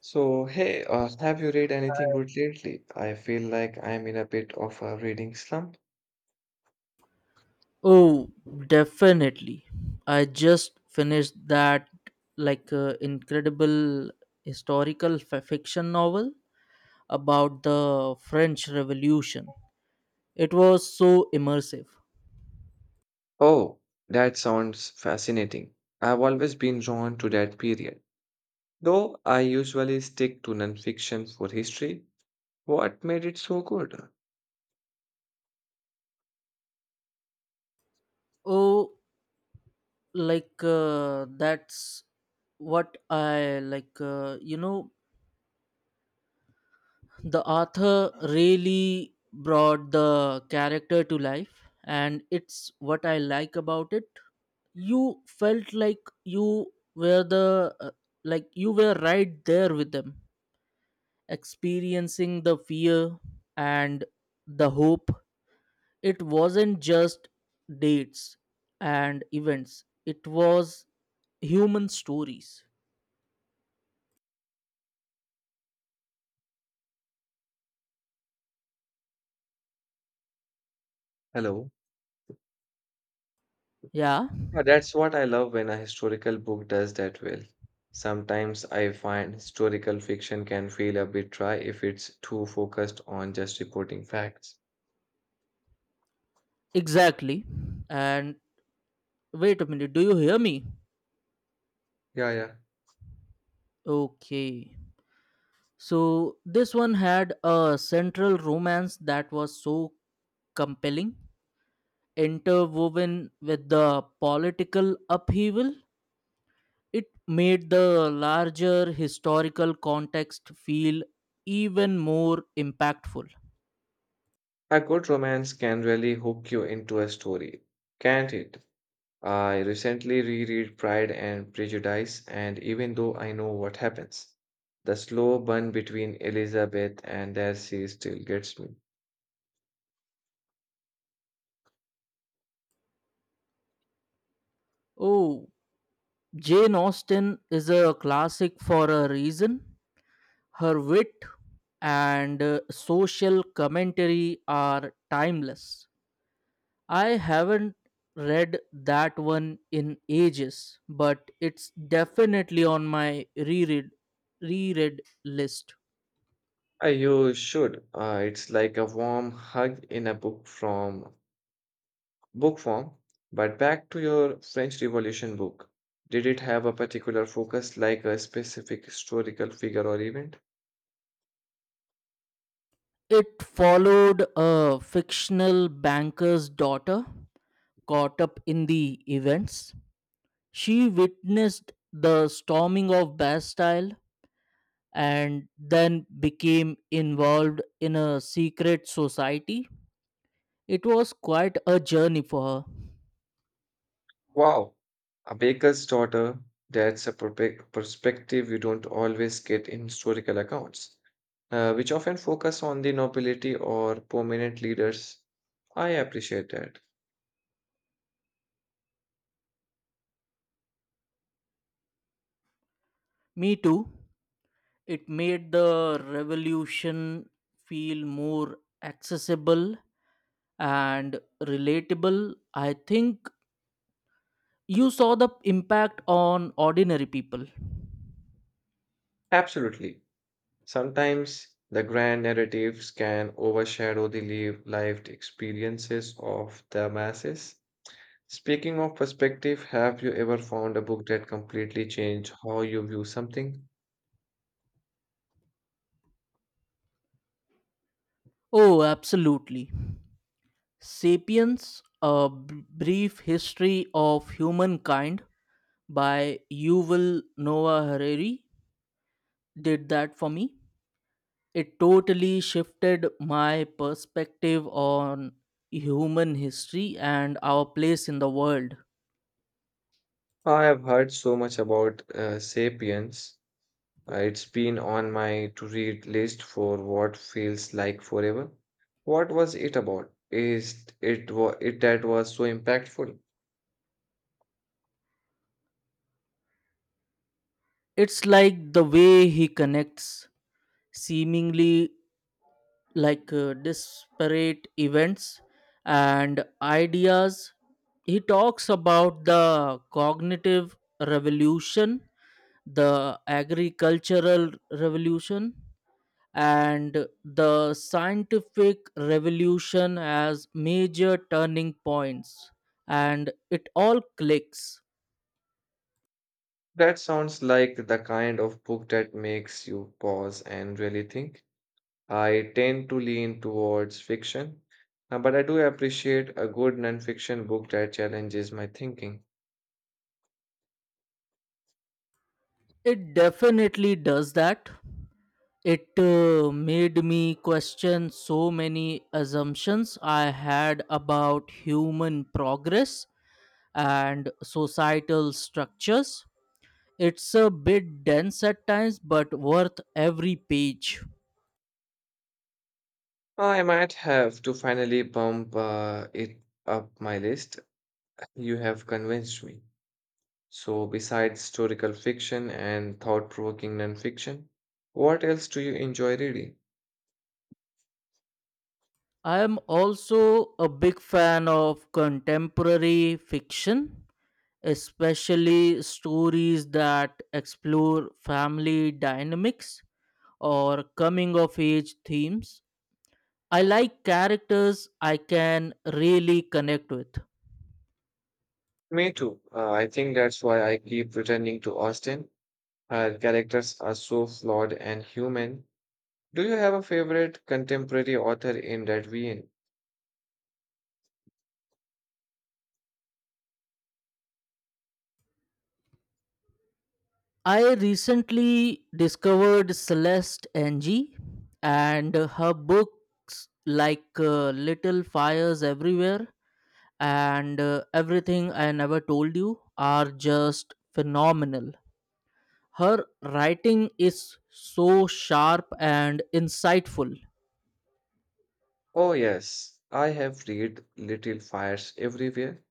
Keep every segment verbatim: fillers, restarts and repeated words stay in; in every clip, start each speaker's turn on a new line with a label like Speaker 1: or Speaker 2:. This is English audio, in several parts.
Speaker 1: So, hey, uh, have you read anything good lately? I feel like I'm in a bit of a reading slump.
Speaker 2: Oh, definitely. I just finished that like uh, incredible historical f- fiction novel about the French Revolution. It was so immersive.
Speaker 1: Oh, that sounds fascinating. I've always been drawn to that period, though I usually stick to nonfiction for history. What made it so good?
Speaker 2: Oh, like uh, that's what I like. Uh, you know, the author really brought the character to life, and it's what I like about it. You felt like you were the uh, like you were right there with them, experiencing the fear and the hope. It wasn't just dates and events, it was human stories.
Speaker 1: Hello.
Speaker 2: Yeah,
Speaker 1: Yeah, that's what I love when a historical book does that well. Sometimes I find historical fiction can feel a bit dry if it's too focused on just reporting facts.
Speaker 2: exactly. And wait a minute, do you hear me?
Speaker 1: Yeah, yeah.
Speaker 2: Okay. So this one had a central romance that was so compelling, interwoven with the political upheaval. It made the larger historical context feel even more impactful.
Speaker 1: A good romance can really hook you into a story, can't it? I recently reread Pride and Prejudice, and even though I know what happens, the slow burn between Elizabeth and Darcy still gets me.
Speaker 2: Oh, Jane Austen is a classic for a reason. Her wit and uh, social commentary are timeless. I haven't read that one in ages, but it's definitely on my reread reread list.
Speaker 1: Uh, you should. Uh, it's like a warm hug in a book from book form. But back to your French Revolution book. Did it have a particular focus, like a specific historical figure or event?
Speaker 2: It followed a fictional banker's daughter caught up in the events. She witnessed the storming of Bastille and then became involved in a secret society. It was quite a journey for her.
Speaker 1: Wow, a baker's daughter, that's a perpe- perspective you don't always get in historical accounts, uh, which often focus on the nobility or prominent leaders. I appreciate that.
Speaker 2: Me too. It made the revolution feel more accessible and relatable. I think you saw the impact on ordinary people.
Speaker 1: Absolutely. Sometimes the grand narratives can overshadow the live, lived experiences of the masses. Speaking of perspective, have you ever found a book that completely changed how you view something?
Speaker 2: Oh, absolutely. Sapiens, a B- brief history of humankind by Yuval Noah Harari did that for me. It totally shifted my perspective on human history and our place in the world.
Speaker 1: I have heard so much about uh, Sapiens. Uh, It's been on my to read list for what feels like forever. What was it about? Is it wa- it that was so impactful?
Speaker 2: It's like the way he connects seemingly like uh, disparate events and ideas. He talks about the cognitive revolution, the agricultural revolution, and the scientific revolution as major turning points. And it all clicks.
Speaker 1: That sounds like the kind of book that makes you pause and really think. I tend to lean towards fiction, uh, but I do appreciate a good nonfiction book that challenges my thinking.
Speaker 2: It definitely does that. It uh, made me question so many assumptions I had about human progress and societal structures. It's a bit dense at times, but worth every page.
Speaker 1: I might have to finally bump uh, it up my list. You have convinced me. So, besides historical fiction and thought-provoking nonfiction, what else do you enjoy reading?
Speaker 2: I am also a big fan of contemporary fiction, especially stories that explore family dynamics or coming of age themes. I like characters I can really connect with.
Speaker 1: Me too. Uh, I think that's why I keep returning to Austen. Her characters are so flawed and human. Do you have a favorite contemporary author in that vein?
Speaker 2: I recently discovered Celeste Ng, and her books like uh, Little Fires Everywhere and uh, Everything I Never Told You are just phenomenal. Her writing is so sharp and insightful.
Speaker 1: Oh, yes, I have read Little Fires Everywhere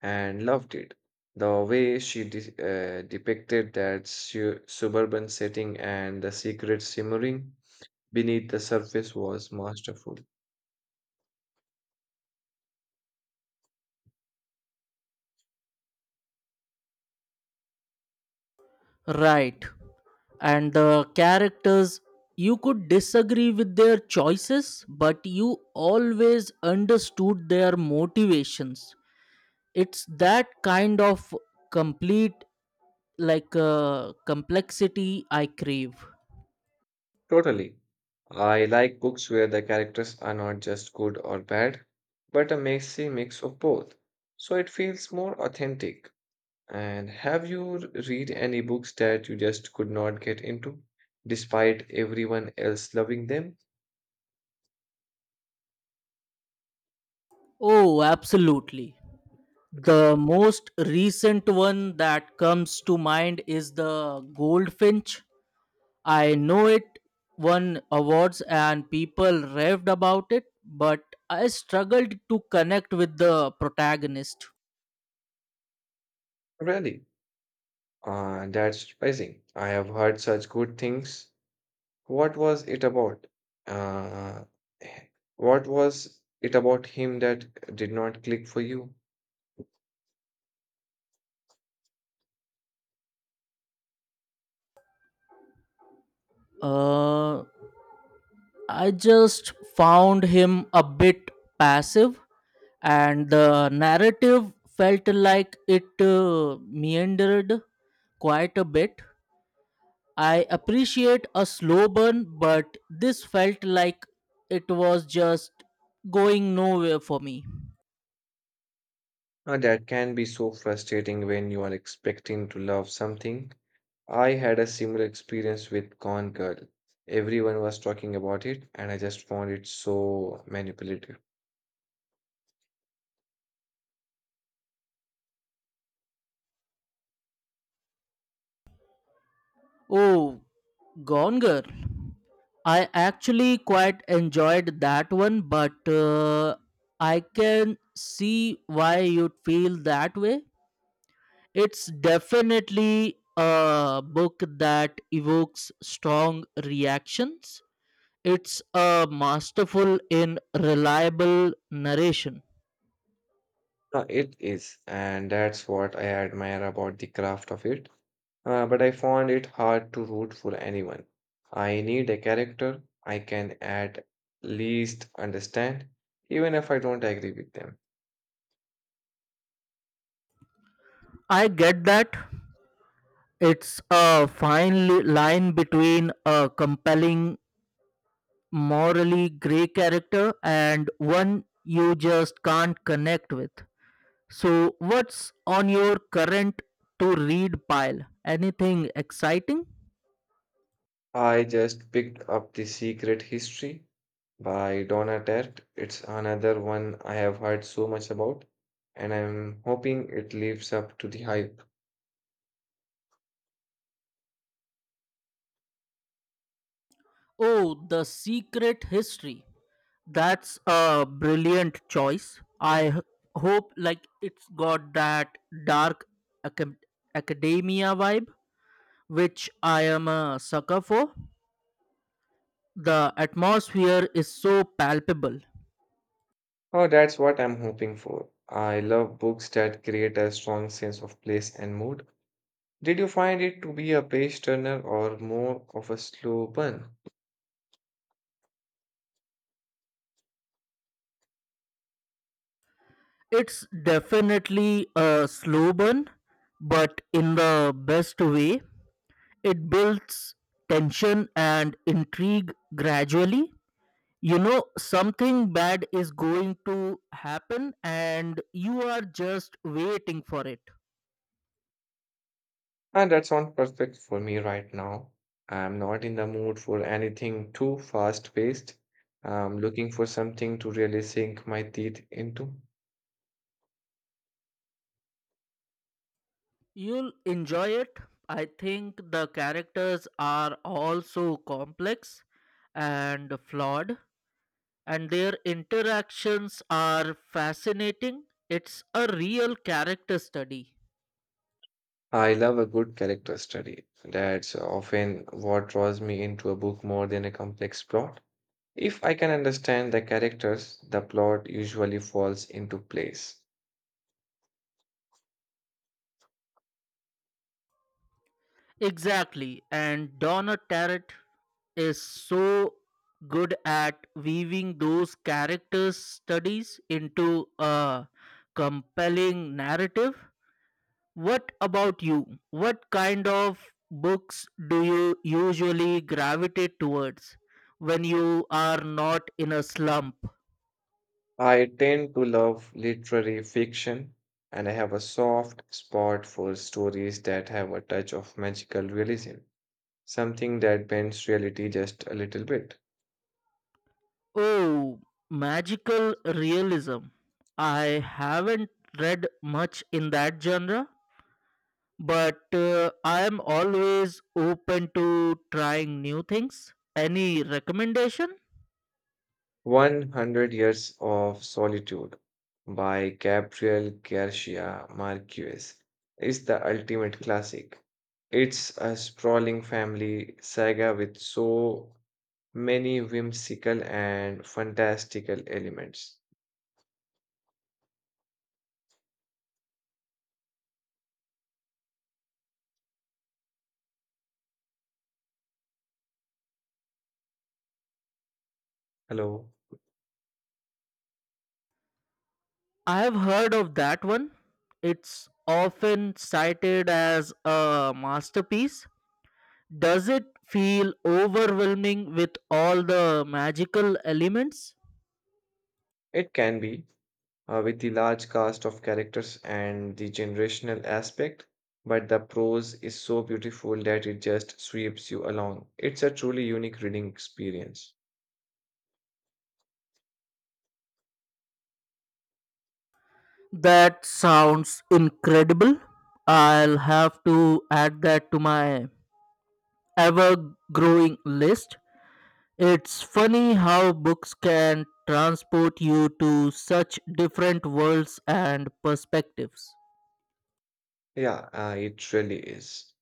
Speaker 1: and loved it. The way she de- uh, depicted that su- suburban setting and the secret simmering beneath the surface was masterful.
Speaker 2: Right. And the characters, you could disagree with their choices, but you always understood their motivations. It's that kind of complete, like, uh, complexity I crave.
Speaker 1: Totally. I like books where the characters are not just good or bad, but a messy mix of both. So it feels more authentic. And have you r- read any books that you just could not get into, despite everyone else loving them?
Speaker 2: Oh, absolutely. The most recent one that comes to mind is the Goldfinch. I know it won awards and people raved about it, but I struggled to connect with the protagonist.
Speaker 1: Really? Uh, that's surprising. I have heard such good things. What was it about? Uh, h- what was it about him that did not click for you?
Speaker 2: Uh, I just found him a bit passive, and the narrative felt like it uh, meandered quite a bit. I appreciate a slow burn, but this felt like it was just going nowhere for me.
Speaker 1: Uh, that can be so frustrating when you are expecting to love something. I had a similar experience with Gone Girl. Everyone was talking about it, and I just found it so manipulative.
Speaker 2: Oh, Gone Girl. I actually quite enjoyed that one, but uh, I can see why you'd feel that way. It's definitely a book that evokes strong reactions. It's a masterful in reliable narration.
Speaker 1: Uh, it is, and that's what I admire about the craft of it. Uh, but I found it hard to root for anyone. I need a character I can at least understand, even if I don't agree with them.
Speaker 2: I get that. It's a fine li- line between a compelling, morally gray character and one you just can't connect with. So, what's on your current to read pile? Anything exciting?
Speaker 1: I just picked up The Secret History by Donna Tartt. It's another one I have heard so much about, and I'm hoping it lives up to the hype.
Speaker 2: Oh, The Secret History. That's a brilliant choice. I h- hope like it's got that dark acad- academia vibe which I am a sucker for. The atmosphere is so palpable.
Speaker 1: Oh, that's what I'm hoping for. I love books that create a strong sense of place and mood. Did you find it to be a page turner or more of a slow burn?
Speaker 2: It's definitely a slow burn, but in the best way. It builds tension and intrigue gradually. You know, something bad is going to happen, and you are just waiting for it.
Speaker 1: And that's not perfect for me right now. I'm not in the mood for anything too fast-paced. I'm looking for something to really sink my teeth into.
Speaker 2: You'll enjoy it. I think the characters are also complex and flawed, and their interactions are fascinating. It's a real character study.
Speaker 1: I love a good character study. That's often what draws me into a book more than a complex plot. If I can understand the characters, the plot usually falls into place.
Speaker 2: Exactly, and Donna Tartt is so good at weaving those character studies into a compelling narrative. What about you? What kind of books do you usually gravitate towards when you are not in a slump?
Speaker 1: I tend to love literary fiction, and I have a soft spot for stories that have a touch of magical realism, something that bends reality just a little bit.
Speaker 2: Oh, magical realism. I haven't read much in that genre, but uh, I am always open to trying new things. Any recommendation?
Speaker 1: one hundred Years of Solitude by Gabriel Garcia Marquez is the ultimate classic. It's a sprawling family saga with so many whimsical and fantastical elements. Hello.
Speaker 2: I have heard of that one. It's often cited as a masterpiece. Does it feel overwhelming with all the magical elements?
Speaker 1: It can be, uh, with the large cast of characters and the generational aspect, but the prose is so beautiful that it just sweeps you along. It's a truly unique reading experience.
Speaker 2: That sounds incredible. I'll have to add that to my ever growing list. It's funny how books can transport you to such different worlds and perspectives.
Speaker 1: Yeah, uh, it really is.